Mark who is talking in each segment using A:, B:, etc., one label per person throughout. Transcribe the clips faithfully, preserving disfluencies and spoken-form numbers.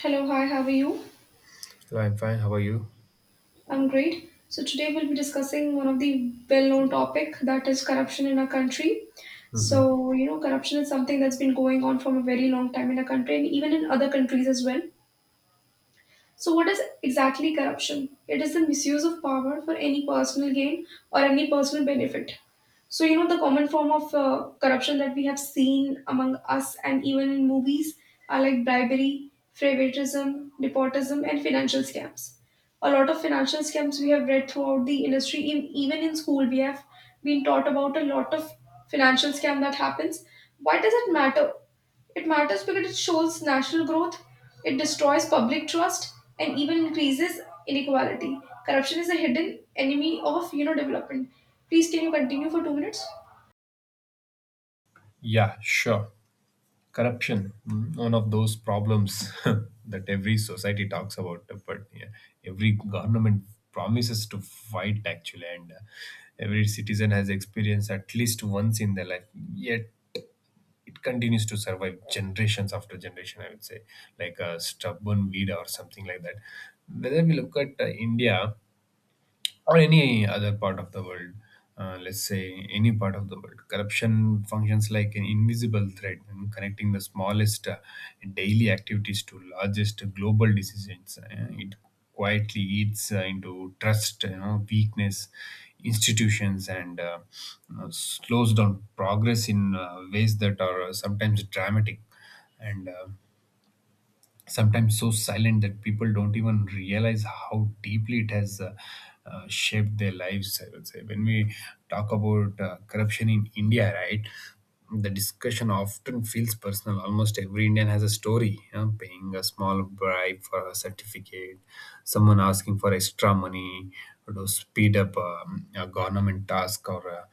A: Hello, hi, how are you?
B: Hello, I'm fine. How are you?
A: I'm great. So today we'll be discussing one of the well-known topic that is corruption in our country.
B: hmm
A: So, you know, corruption is something that's been going on from a very long time in our country and even in other countries as well. So, what is exactly corruption? It is the misuse of power for any personal gain or any personal benefit. So, you know, the common form of uh, corruption that we have seen among us and even in movies are like bribery, favoritism, nepotism, and financial scams. A lot of financial scams we have read throughout the industry, in, even in school, we have been taught about a lot of financial scam that happens. Why does it matter? It matters because it shows national growth, it destroys public trust, and even increases inequality. Corruption is a hidden enemy of you know development. Please can you continue for two minutes?
B: Yeah, sure. Corruption, mm, one of those problems that every society talks about, but yeah, every government promises to fight actually, and uh, every citizen has experienced at least once in their life. Yet it continues to survive generations after generation. I would say, like a stubborn weed or something like that. Whether we look at uh, India. Or any other part of the world, uh, let's say any part of the world. Corruption functions like an invisible thread, mm, connecting the smallest uh, daily activities to largest global decisions. Uh, it quietly eats uh, into trust, you know, weakness, institutions, and uh, you know, slows down progress in uh, ways that are uh, sometimes dramatic and uh, sometimes so silent that people don't even realize how deeply it has uh, uh, shaped their lives. I would say when we talk about uh, corruption in India, right? The discussion often feels personal. Almost every Indian has a story, you know, paying a small bribe for a certificate, someone asking for extra money to speed up um, a government task, or uh,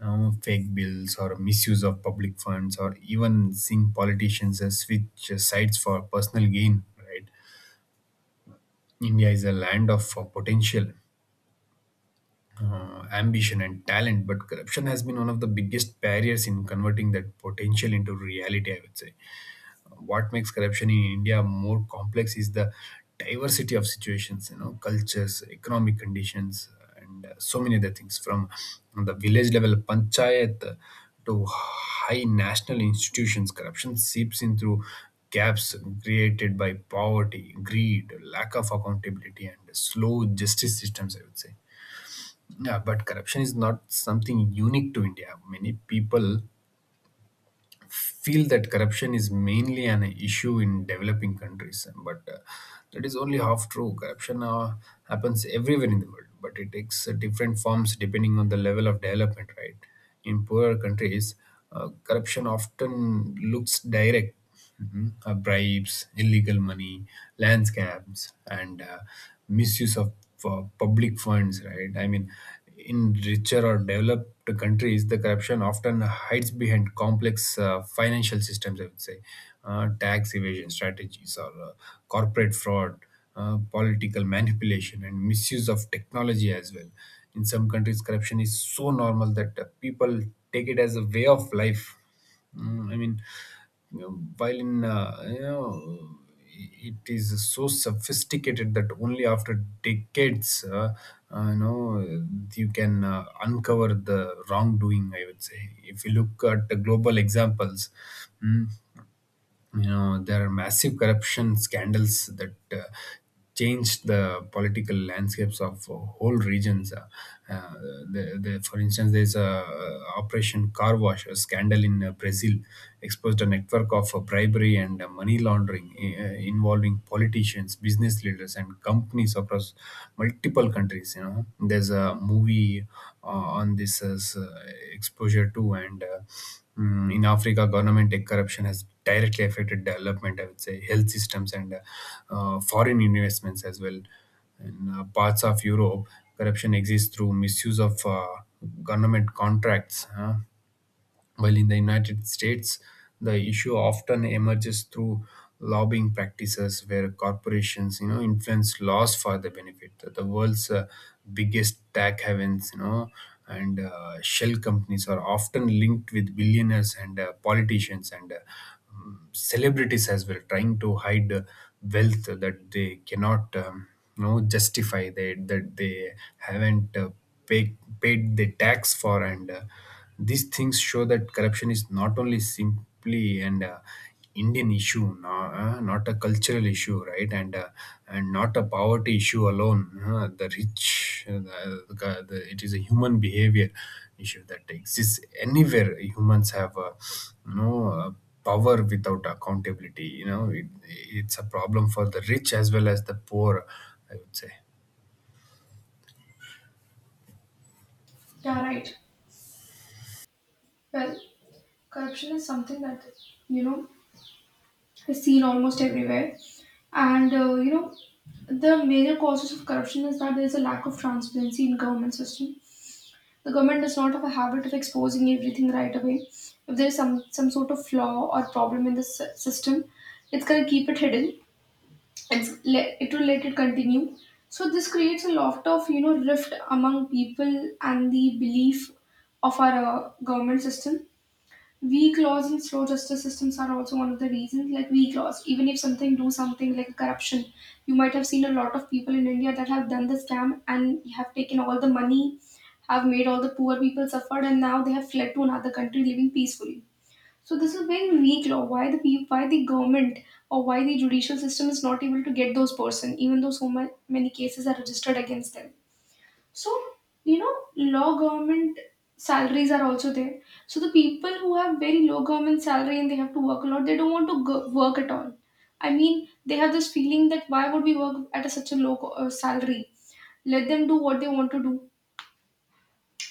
B: uh, fake bills or misuse of public funds or even seeing politicians uh, switch sides for personal gain, right. India is a land of uh, potential, uh, ambition and talent, but corruption has been one of the biggest barriers in converting that potential into reality, I would say. What makes corruption in India more complex is the diversity of situations, you know, cultures, economic conditions, and uh, so many other things, from the village level panchayat, uh, to high national institutions. Corruption seeps in through gaps created by poverty, greed, lack of accountability and slow justice systems, I would say. Yeah, but corruption is not something unique to India. Many people feel that corruption is mainly an issue in developing countries, but uh, that is only half true. Corruption uh, happens everywhere in the world, but it takes uh, different forms depending on the level of development, right? In poorer countries, uh, corruption often looks direct. Mhm. Uh, bribes, illegal money, land scams, and uh, misuse of uh, public funds, right? I mean, in richer or developed countries, the corruption often hides behind complex uh, financial systems, I would say, uh, tax evasion strategies or uh, corporate fraud, uh, political manipulation, and misuse of technology as well. In some countries, corruption is so normal that uh, people take it as a way of life. Mm, I mean, you know, while in uh, you know, it is so sophisticated that only after decades, uh, uh, you know, you can uh, uncover the wrongdoing. I would say, if you look at the global examples, mm, you know, there are massive corruption scandals that uh, changed the political landscapes of uh, whole regions, uh, uh, the, the, for instance, there's a uh, operation car wash, a scandal in uh, Brazil, exposed a network of uh, bribery and uh, money laundering, uh, involving politicians, business leaders and companies across multiple countries. You know, there's a movie uh, on this as uh, exposure too, and uh, mm, in Africa, government tech corruption has directly affected development, I would say, health systems and uh, uh, foreign investments as well. In uh, parts of Europe, corruption exists through misuse of uh, government contracts. Huh? While in the United States, the issue often emerges through lobbying practices where corporations, you know, influence laws for their benefit. The the world's uh, biggest tech havens, you know, and uh, shell companies are often linked with billionaires and uh, politicians and uh, um, celebrities as well, trying to hide uh, wealth that they cannot, um, you know, justify that that they haven't uh, paid paid the tax for. And. Uh, these things show that corruption is not only simply an uh, Indian issue, no, uh, not a cultural issue, right? And uh, and not a poverty issue alone. Uh, the rich, uh, the, the, the- It is a human behavior issue that exists anywhere humans have, uh, you know, uh, power without accountability. You know, it, it's a problem for the rich as well as the poor, I would say.
A: Yeah, right. Well, corruption is something that you know is seen almost everywhere, and uh, you know the major causes of corruption is that there is a lack of transparency in government system. The government does not have a habit of exposing everything right away. If there is some, some sort of flaw or problem in the sy- system, it's going to keep it hidden and s- let, it will let it continue. So this creates a lot of you know rift among people and the belief of our uh, government system. Weak laws and slow justice systems are also one of the reasons. Like weak laws, even if something do something like corruption, you might have seen a lot of people in India that have done the scam and have taken all the money, have made all the poor people suffered and now they have fled to another country living peacefully. So this is very weak law. Why the peop- why the government or why the judicial system is not able to get those person, even though so ma- many cases are registered against them. So you know, law government salaries are also there. So the people who have very low government salary and they have to work a lot, they don't want to go- work at all. I mean, they have this feeling that why would we work at a, such a low co- uh, salary? Let them do what they want to do.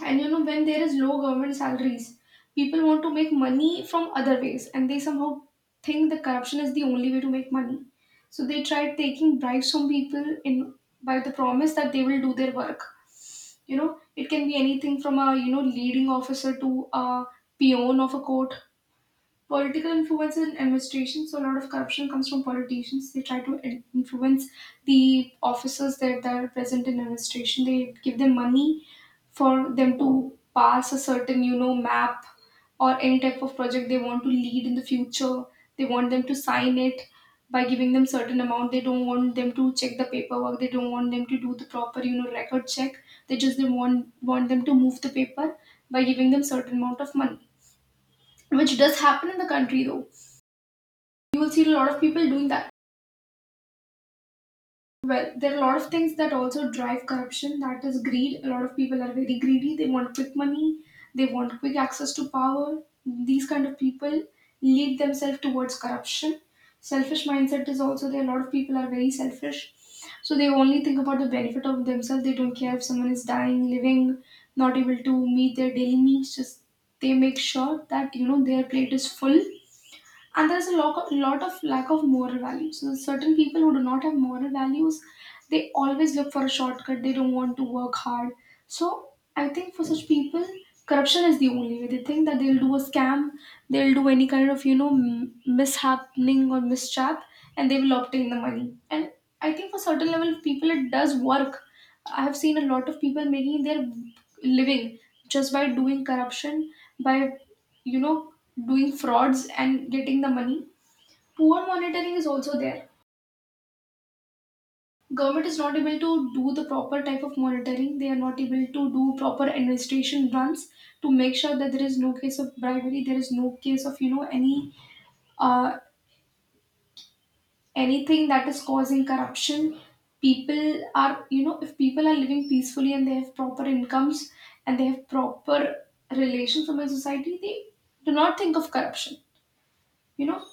A: And you know, when there is low government salaries, people want to make money from other ways and they somehow think the corruption is the only way to make money. So they try taking bribes from people in by the promise that they will do their work. You know, it can be anything from a you know leading officer to a peon of a court. Political influence in administration. So a lot of corruption comes from politicians. They try to in- influence the officers that, that are present in administration. They give them money for them to pass a certain, you know, map or any type of project they want to lead in the future. They want them to sign it by giving them certain amount. They don't want them to check the paperwork. They don't want them to do the proper, you know, record check. They just they want want them to move the paper by giving them certain amount of money, which does happen in the country though. You will see a lot of people doing that. Well, there are a lot of things that also drive corruption. That is greed. A lot of people are very greedy. They want quick money. They want quick access to power. These kind of people lead themselves towards corruption. Selfish mindset is also there. A lot of people are very selfish. So they only think about the benefit of themselves. They don't care if someone is dying, living, not able to meet their daily needs. Just they make sure that you know their plate is full and there's a lot, lot of lack of moral values. So certain people who do not have moral values, they always look for a shortcut. They don't want to work hard. So I think for such people, corruption is the only way. They think that they'll do a scam, they'll do any kind of you know m- mishappening or mischap, and they will obtain the money. And I think for certain level of people, it does work. I have seen a lot of people making their living just by doing corruption, by you know doing frauds and getting the money. Poor monitoring is also there. Government is not able to do the proper type of monitoring. They are not able to do proper administration runs to make sure that there is no case of bribery. There is no case of you know any uh, anything that is causing corruption. People are you know if people are living peacefully and they have proper incomes and they have proper relations from a society, they do not think of corruption, you know.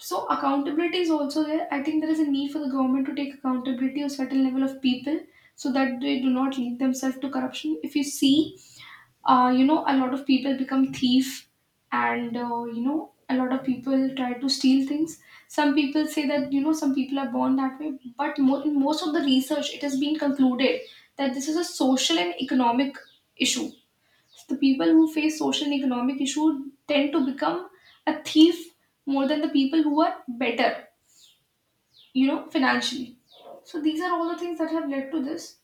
A: So accountability is also there. I think there is a need for the government to take accountability of certain level of people so that they do not lead themselves to corruption. If you see, uh, you know, a lot of people become thief, and uh, you know a lot of people try to steal things. Some people say that you know some people are born that way, but mo- in most of the research it has been concluded that this is a social and economic issue. So the people who face social and economic issue tend to become a thief more than the people who are better you know financially. So these are all the things that have led to this,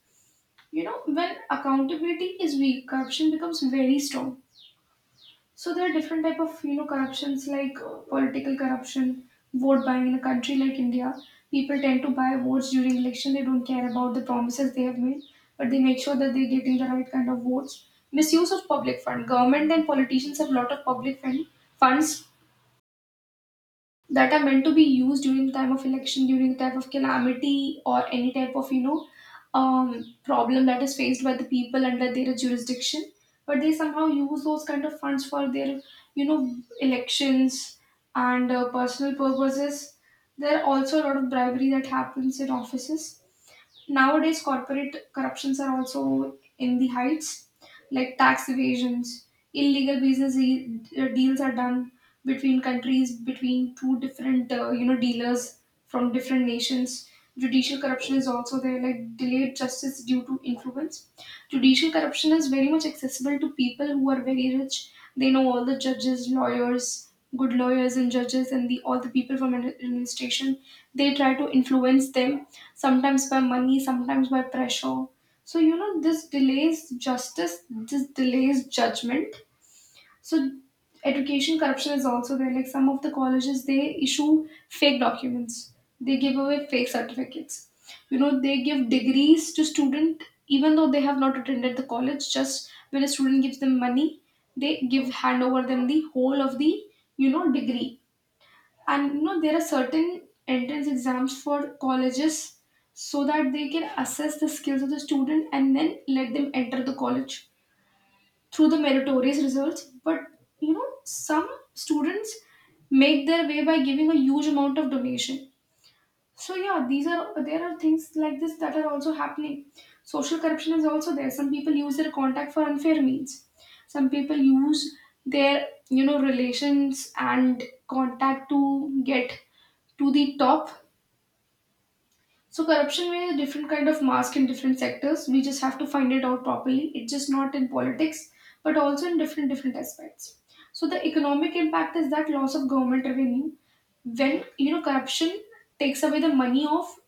A: you know. When accountability is weak, corruption becomes very strong. So there are different type of you know corruptions, like uh, political corruption, vote buying. In a country like India, people tend to buy votes during election. They don't care about the promises they have made, but they make sure that they're getting the right kind of votes. Misuse of public fund. Government and politicians have a lot of public fund funds that are meant to be used during the time of election, during the type of calamity, or any type of you know um, problem that is faced by the people under their jurisdiction. But they somehow use those kind of funds for their you know elections and uh, personal purposes. There are also a lot of bribery that happens in offices. Nowadays, corporate corruptions are also in the heights, like tax evasions, illegal business e- deals are done between countries, between two different uh, you know dealers from different nations. Judicial corruption is also there, like delayed justice due to influence. Judicial corruption is very much accessible to people who are very rich. They know all the judges, lawyers, good lawyers and judges, and the all the people from an administration. They try to influence them sometimes by money, sometimes by pressure. So you know this delays justice. This delays judgment. So education corruption is also there. Like some of the colleges, they issue fake documents. They give away fake certificates. You know, they give degrees to student even though they have not attended the college. Just when a student gives them money, they give hand over them the whole of the you know degree. And you know there are certain entrance exams for colleges so that they can assess the skills of the student and then let them enter the college through the meritorious results, but you know some students make their way by giving a huge amount of donation. So yeah, these are, there are things like this that are also happening. Social corruption is also there. Some people use their contact for unfair means. Some people use their you know relations and contact to get to the top. So corruption may have different kind of mask in different sectors. We just have to find it out properly. It's just not in politics, but also in different different aspects. So the economic impact is that loss of government revenue. When you know corruption takes away the money of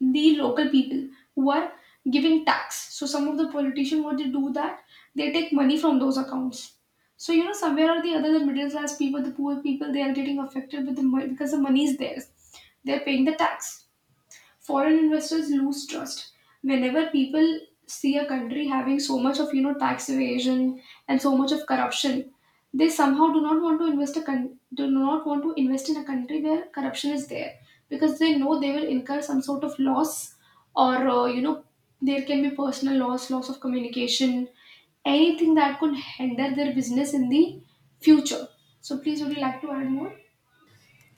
A: the local people who are giving tax. So some of the politicians what they do that they take money from those accounts. So you know somewhere or the other the middle class people, the poor people, they are getting affected with the money because the money is theirs. They're paying the tax. Foreign investors lose trust whenever people see a country having so much of, you know tax evasion and so much of corruption. They somehow do not want to invest, a con- do not want to invest in a country where corruption is there, because they know they will incur some sort of loss, or uh, you know there can be personal loss loss of communication, anything that could hinder their business in the future. So please, would you like to add more?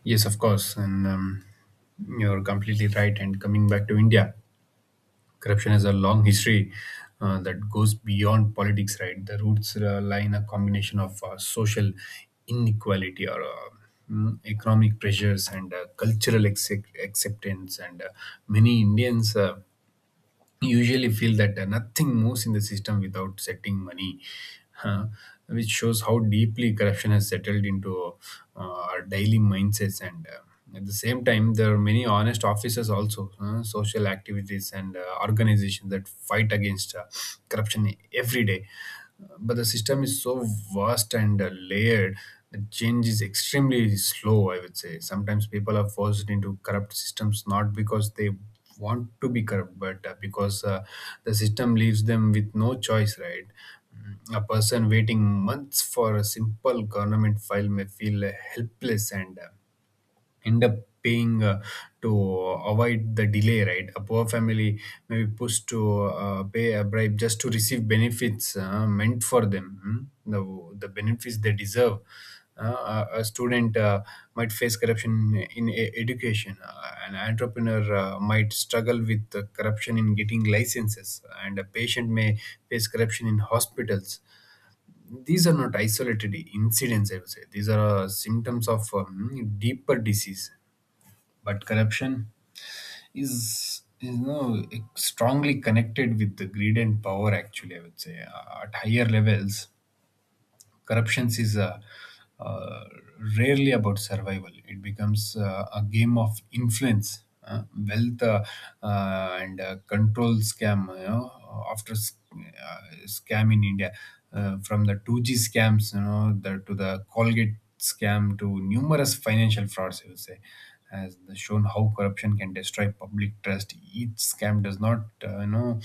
B: Yes, of course, and um, you're completely right. And coming back to India, corruption has a long history uh, that goes beyond politics, right? The roots uh, lie in a combination of uh, social inequality or uh, mm, economic pressures and uh, cultural accept- acceptance. And uh, many Indians Uh, usually feel that uh, nothing moves in the system without setting money, huh, which shows how deeply corruption has settled into uh, our daily mindsets. And uh, at the same time, there are many honest officers also, uh, social activities and uh, organizations that fight against uh, corruption every day, but the system is so vast and uh, layered that change is extremely slow, I would say. Sometimes people are forced into corrupt systems not because they want to be corrupt, but uh, because uh, the system leaves them with no choice, right? Mm, a person waiting months for a simple government file may feel uh, helpless and uh, end up paying uh, to avoid the delay, right. A poor family may be pushed to uh, pay a bribe just to receive benefits uh, meant for them, hmm, the, the benefits they deserve. Uh, a a student uh, might face corruption in e- education. Uh, an entrepreneur uh, might struggle with uh, corruption in getting licenses, and a patient may face corruption in hospitals. These are not isolated incidents, I would say. These are uh, symptoms of um, deeper disease. But corruption is, you know, strongly connected with the greed and power, actually, I would say. Uh, at higher levels, corruptions is uh, uh, rarely about survival. It becomes uh, a game of influence, uh, wealth, uh, uh, and uh, control. Scam, you know, after sc- uh, scam in India, uh, from the two G scams, you know, the, to the colgate scam to numerous financial frauds, I would say, has shown how corruption can destroy public trust. Each scam does not, uh, you know,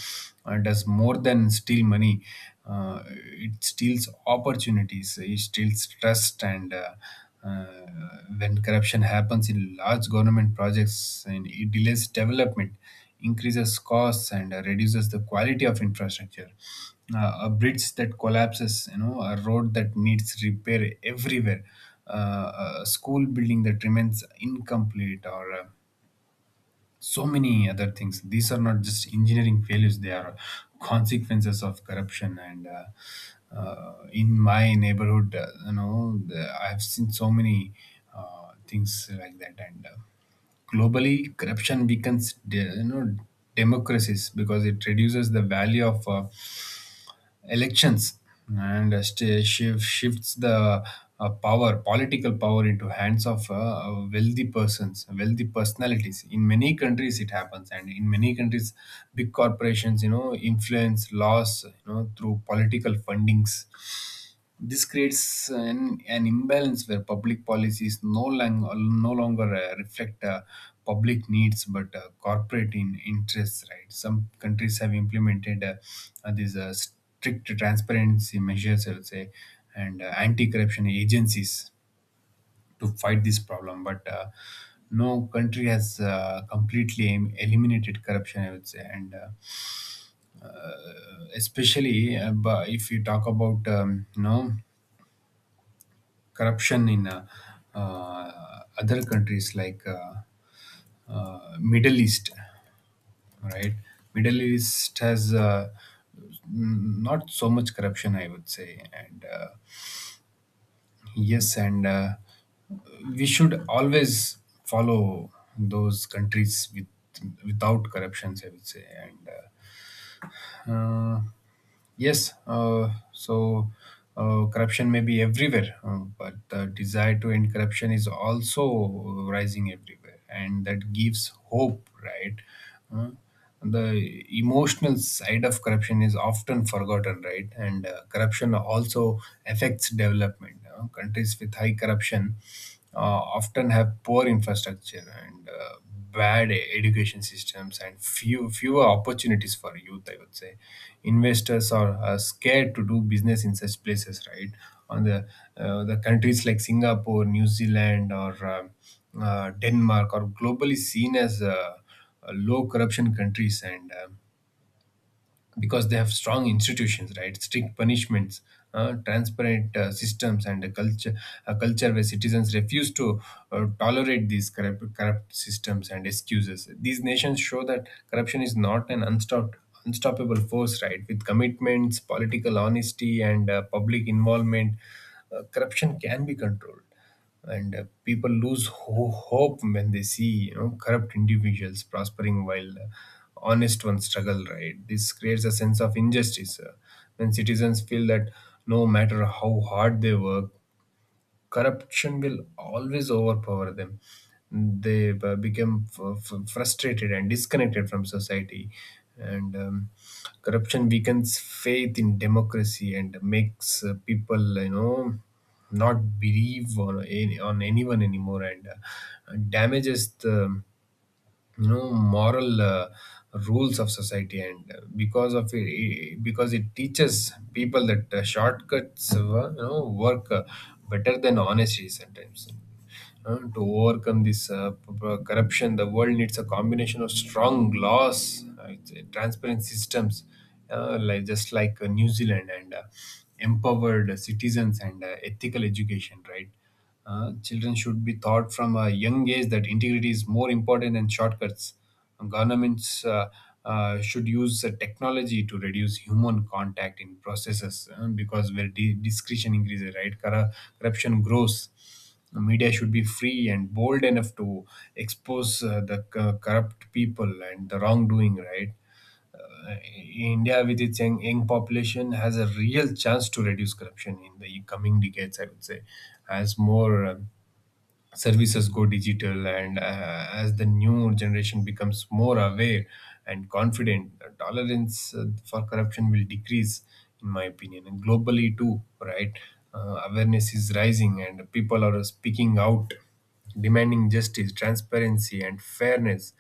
B: uh, does more than steal money. Uh, it steals opportunities. It steals trust. And. Uh, uh, when corruption happens in large government projects, and it delays development, increases costs and uh, reduces the quality of infrastructure. Uh, a bridge that collapses, you know, a road that needs repair everywhere, uh, a school building that remains incomplete, or uh, so many other things. These are not just engineering failures; they are consequences of corruption. And uh, uh, in my neighborhood, uh, you know, the, I have seen so many uh, things like that. And uh, globally, corruption weakens, de- you know, democracies, because it reduces the value of uh, elections and uh, st- shift, shifts the uh, power, political power, into hands of uh, uh, wealthy persons, wealthy personalities. In many countries, it happens, and in many countries, big corporations, you know, influence laws, you know, through political fundings. This creates an, an imbalance where public policies no, lang- no longer uh, reflect uh, public needs but uh, corporate in interests. Right, some countries have implemented uh, uh, these uh, strict transparency measures, I would say, and uh, anti-corruption agencies to fight this problem. But uh, no country has uh, completely em- eliminated corruption, I would say, and uh, especially uh, bu- if you talk about um, you know, corruption in uh, uh, other countries like uh, uh, Middle East, right? Middle East has uh, n- not so much corruption, I would say, and uh, yes, and uh, we should always follow those countries with, without corruptions, I would say. And. Uh, uh, Yes, uh, so uh, corruption may be everywhere, uh, but the desire to end corruption is also rising everywhere, and that gives hope, right? Uh, the emotional side of corruption is often forgotten, right? And uh, corruption also affects development. Uh, countries with high corruption uh, often have poor infrastructure and uh, bad e- education systems and few fewer opportunities for youth, I would say. Investors are, are scared to do business in such places, right? on the uh, The countries like Singapore, New Zealand or um, uh, Denmark are globally seen as uh, uh, low corruption countries, and um, because they have strong institutions, right? Strict punishments, uh, transparent uh, systems, and a culture a culture where citizens refuse to uh, tolerate these corrupt, corrupt systems and excuses. These nations show that corruption is not an unstopped unstoppable force, right? With commitments, political honesty, and uh, public involvement, uh, corruption can be controlled. And uh, People lose ho- hope when they see you know corrupt individuals prospering while uh, honest ones struggle, right? This creates a sense of injustice. Uh, when citizens feel that no matter how hard they work corruption will always overpower them, they uh, become f- f- frustrated and disconnected from society. And um, Corruption weakens faith in democracy and makes uh, people, you know not believe on, any, on anyone anymore, and uh, damages the you know moral uh, rules of society, and uh, because of it, it- because it teaches people that uh, shortcuts, uh, you know work uh, better than honesty sometimes. Uh, to overcome this uh, p- p- corruption, the world needs a combination of strong laws, uh, it's, uh, transparent systems, uh, like just like uh, New Zealand, and uh, empowered citizens, and uh, ethical education, right? Uh, children should be taught from a young age that integrity is more important than shortcuts. Governments uh, uh, should use uh, technology to reduce human contact in processes, uh, because where di- discretion increases, right? Corru- corruption grows. The media should be free and bold enough to expose uh, the c- corrupt people and the wrongdoing, right? Uh, India, with its young, young population, has a real chance to reduce corruption in the coming decades, I would say, as more um, services go digital, and uh, as the new generation becomes more aware and confident, uh, tolerance uh, for corruption will decrease, in my opinion, and globally too, right? Uh, awareness is rising and people are speaking out, demanding justice, transparency, and fairness.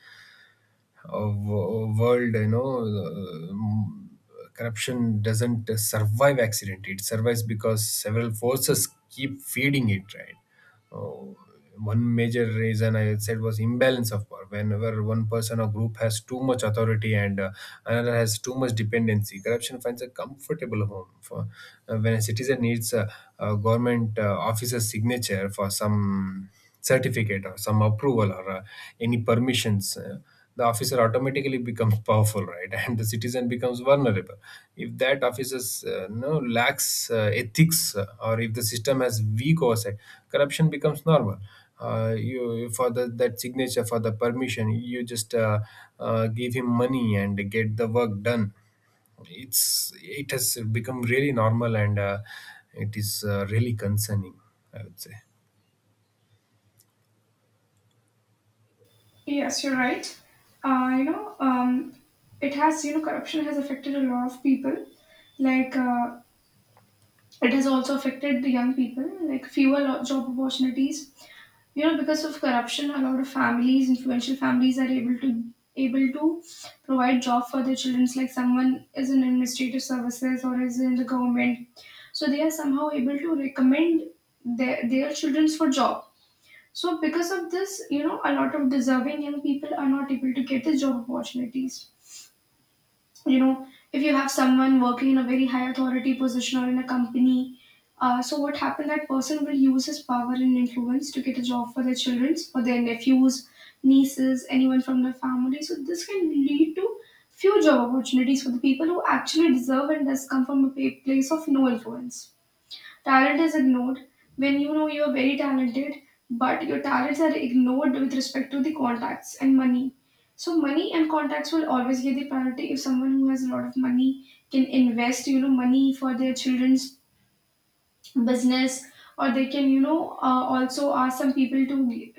B: Uh, wo- world you know uh, um, Corruption doesn't uh, survive accident, it survives because several forces keep feeding it, right? Uh, One major reason I said was imbalance of power. Whenever one person or group has too much authority and uh, another has too much dependency, corruption finds a comfortable home. For uh, When a citizen needs a, a government uh, officer's signature for some certificate or some approval, or uh, any permissions, uh, the officer automatically becomes powerful, right? And the citizen becomes vulnerable. If that officer's uh, no lacks uh, ethics, uh, or if the system has weak oversight, corruption becomes normal. Uh, you For the, that signature, for the permission, you just uh, uh, give him money and get the work done. It's it has become really normal, and uh, it is uh, really concerning, I would say.
A: Yes, you're right. Uh, you know, um, it has, you know, corruption has affected a lot of people. Like, uh, it has also affected the young people, like fewer lo- job opportunities. You know, because of corruption, a lot of families, influential families, are able to, able to provide job for their children. Like someone is in administrative services or is in the government, so they are somehow able to recommend their their childrens for job. So, because of this, you know, a lot of deserving young people are not able to get the job opportunities. You know, if you have someone working in a very high authority position or in a company, uh, so what happened? That person will use his power and influence to get a job for their children, for their nephews, nieces, anyone from their family. So, this can lead to few job opportunities for the people who actually deserve and does come from a pa- place of no influence. Talent is ignored. When you know you are very talented, but your talents are ignored with respect to the contacts and money. So money and contacts will always get the priority. If someone who has a lot of money can invest, you know, money for their children's business, or they can, you know uh, also ask some people to,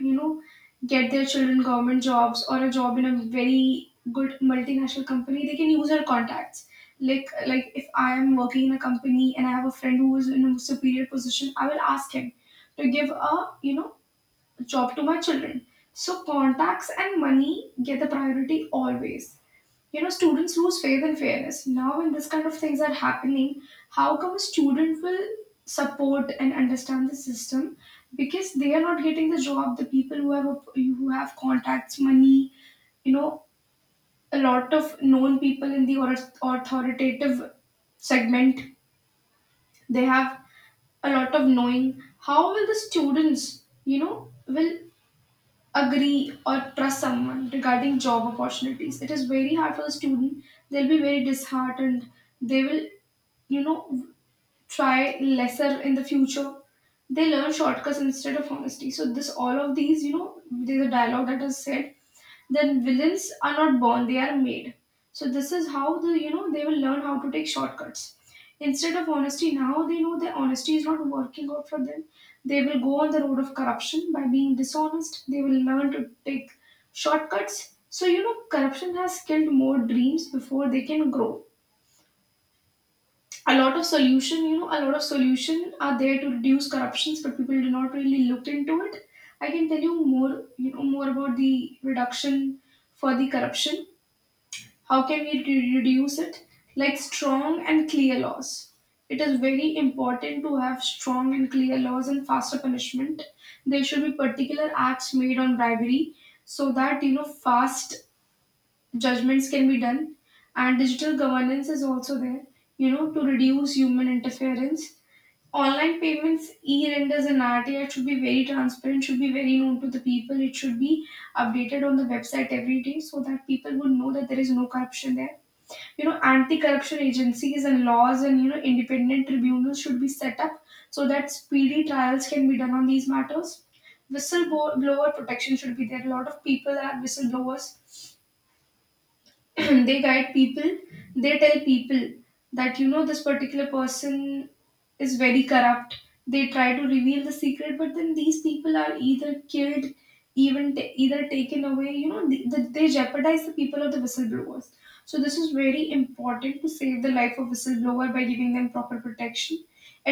A: you know get their children government jobs or a job in a very good multinational company. They can use her contacts. Like like if I am working in a company and I have a friend who is in a superior position, I will ask him to give a, you know job to my children. So contacts and money get the priority always. You know, students lose faith in fairness now. When this kind of things are happening, how come a student will support and understand the system, because they are not getting the job. The people who have, who have contacts, money, you know, a lot of known people in the author- authoritative segment, they have a lot of knowing. How will the students, you know, will agree or trust someone regarding job opportunities? It is very hard for the student. They'll be very disheartened. They will, you know, try lesser in the future. They learn shortcuts instead of honesty. So this, all of these, you know, there's a dialogue that is said that villains are not born, they are made. So this is how, the you know they will learn how to take shortcuts. Instead of honesty, now they know their honesty is not working out for them. They will go on the road of corruption by being dishonest. They will learn to take shortcuts. So you know, corruption has killed more dreams before they can grow. A lot of solution, you know, a lot of solution are there to reduce corruptions, but people do not really look into it. I can tell you more, you know, more about the reduction for the corruption. How can we re- reduce it? Like strong and clear laws. It is very important to have strong and clear laws and faster punishment. There should be particular acts made on bribery, so that you know fast judgments can be done. And digital governance is also there, you know, to reduce human interference. Online payments, e-renders and RTI should be very transparent, should be very known to the people. It should be updated on the website every day, so that people would know that there is no corruption there. You know, anti-corruption agencies and laws, and you know, independent tribunals should be set up, so that speedy trials can be done on these matters. Whistleblower protection should be there. A lot of people are whistleblowers. They guide people, they tell people that you know this particular person is very corrupt. They try to reveal the secret, but then these people are either killed, even ta- either taken away. You know, they, they jeopardize the people of the whistleblowers. So this is very important to save the life of whistleblower by giving them proper protection.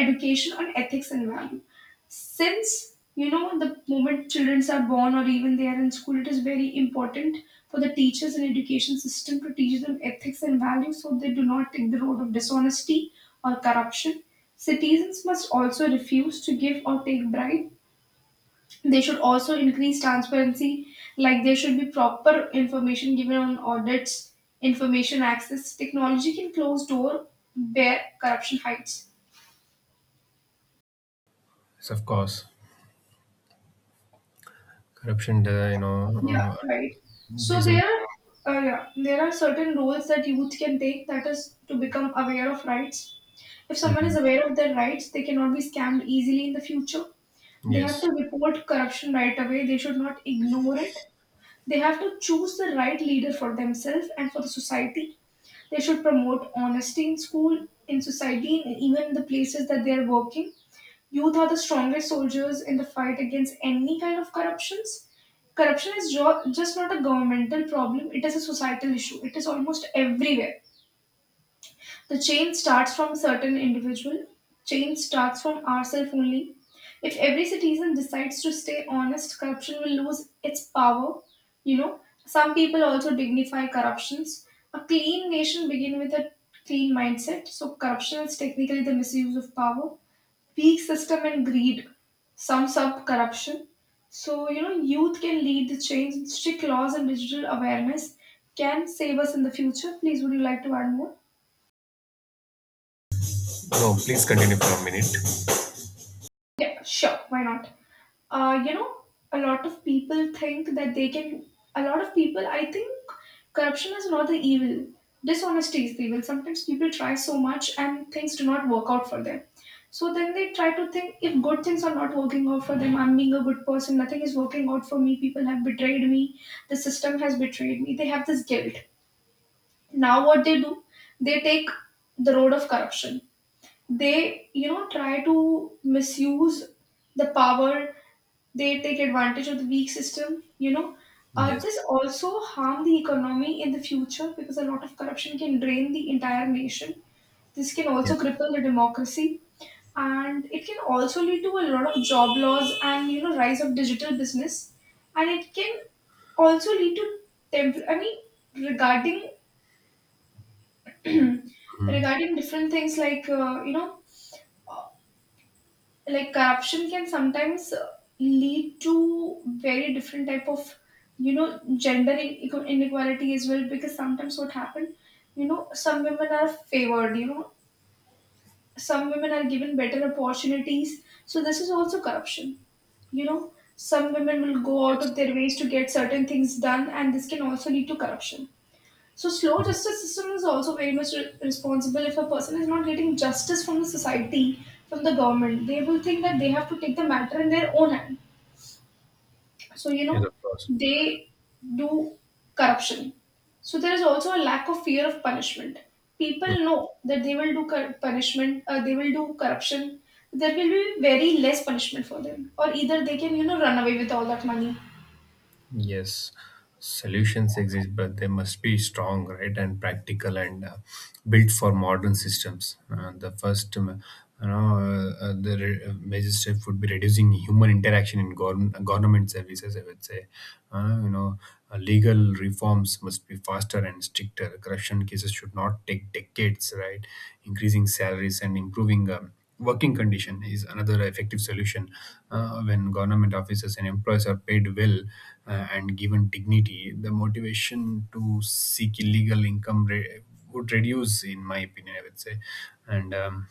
A: Education on ethics and values. Since you know the moment children are born or even they are in school, it is very important for the teachers and education system to teach them ethics and values so they do not take the road of dishonesty or corruption. Citizens must also refuse to give or take bribe. They should also increase transparency. Like there should be proper information given on audits. Information access, technology can close door where corruption hides.
B: Yes, of course. Corruption, uh, you know
A: Yeah,
B: uh,
A: right. So
B: these are…
A: there, uh, yeah, there are certain roles that youth can take. That is to become aware of rights. If someone is
B: Mhm.
A: aware of their rights, they cannot be scammed easily in the future. They have to
B: Yes.
A: report corruption right away. They should not ignore it. They have to choose the right leader for themselves and for the society. They should promote honesty in school, in society, and even in the places that they are working. Youth are the strongest soldiers in the fight against any kind of corruptions. Corruption is jo- just not a governmental problem, it is a societal issue. It is almost everywhere. The chain starts from certain individual, chain starts from ourselves only. If every citizen decides to stay honest, corruption will lose its power. You know, some people also dignify corruptions. A clean nation begin with a clean mindset. So corruption is technically the misuse of power. Weak system and greed sums up corruption. So, you know, youth can lead the change. Strict laws and digital awareness can save us in the future. Please, would you like to add more?
B: No, please continue for a minute.
A: Yeah, sure, why not? Uh, you know, a lot of people think that they can. A lot of people, I think, corruption is not the evil. Dishonesty is the evil. Sometimes people try so much and things do not work out for them. So then they try to think, if good things are not working out for them, I'm being a good person, nothing is working out for me, people have betrayed me, the system has betrayed me. They have this guilt. Now, what they do, they take the road of corruption. They, you know, try to misuse the power. They take advantage of the weak system. You know, uh,
B: Yes,
A: this also harm the economy in the future, because a lot of corruption can drain the entire nation. This can also
B: yes,
A: cripple the democracy. And it can also lead to a lot of job loss, and you know, rise of digital business. And it can also lead to, temp- i mean regarding, regarding different things like, uh, you know like corruption can sometimes, uh, lead to very different type of, you know, gender in- inequality as well. Because sometimes what happened, you know, some women are favored, you know, some women are given better opportunities, so this is also corruption. You know, some women will go out of
B: yes,
A: their ways to get certain things done, and this can also lead to corruption. So slow justice system is also very much re- responsible. If a person is not getting justice from the society, from the government, they will think that they have to take the matter in their own hand. So you
B: yes,
A: know,
B: of course.
A: they do corruption. So there is also a lack of fear of punishment. People know that they will do cor- punishment, uh, they will do corruption. There will be very less punishment for them, or either they can, you know, run away with all that money.
B: Yes, solutions exist, but they must be strong, right, and practical and uh, built for modern systems. Uh, the first, um, you know, uh, uh, the re- uh, major step would be reducing human interaction in govern- government services, I would say. Uh, you know, uh, Legal reforms must be faster and stricter. Corruption cases should not take decades, right? Increasing salaries and improving, Um, working condition is another effective solution. Uh, when government officers and employees are paid well uh, and given dignity, the motivation to seek illegal income re- would reduce, in my opinion, I would say. And um,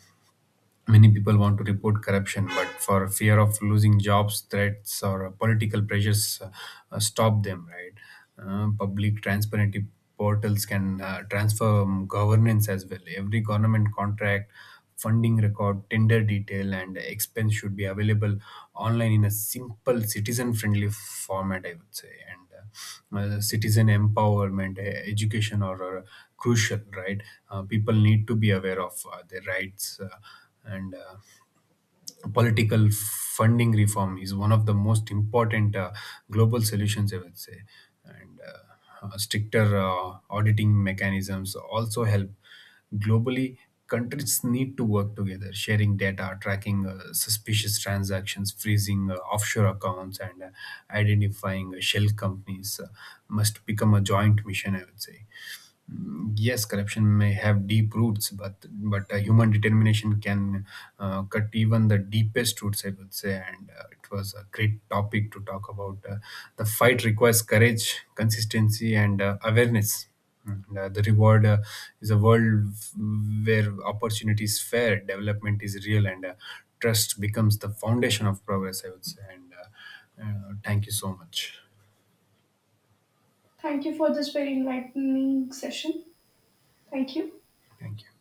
B: Many people want to report corruption, but for fear of losing jobs, threats, or uh, political pressures, uh, uh, stop them, right? Uh, public transparency portals can uh, transform governance as well. Every government contract, funding record, tender detail, and expense should be available online in a simple, citizen-friendly format, I would say. And uh, uh, Citizen empowerment, uh, education, or, or crucial, right? Uh, people need to be aware of uh, their rights. Uh, and uh, Political funding reform is one of the most important uh, global solutions, I would say. And uh, uh, Stricter uh, auditing mechanisms also help. Globally, countries need to work together, sharing data, tracking uh, suspicious transactions, freezing uh, offshore accounts, and uh, identifying shell companies uh, must become a joint mission, I would say. Yes, corruption may have deep roots, but but uh, human determination can uh, cut even the deepest roots, I would say. And uh, it was a great topic to talk about. Uh, the fight requires courage, consistency, and uh, awareness. And uh, the reward uh, is a world where opportunity is fair, development is real, and uh, trust becomes the foundation of progress, I would say. And uh, uh, Thank you so much.
A: Thank you for this very enlightening session. Thank you.
B: Thank you.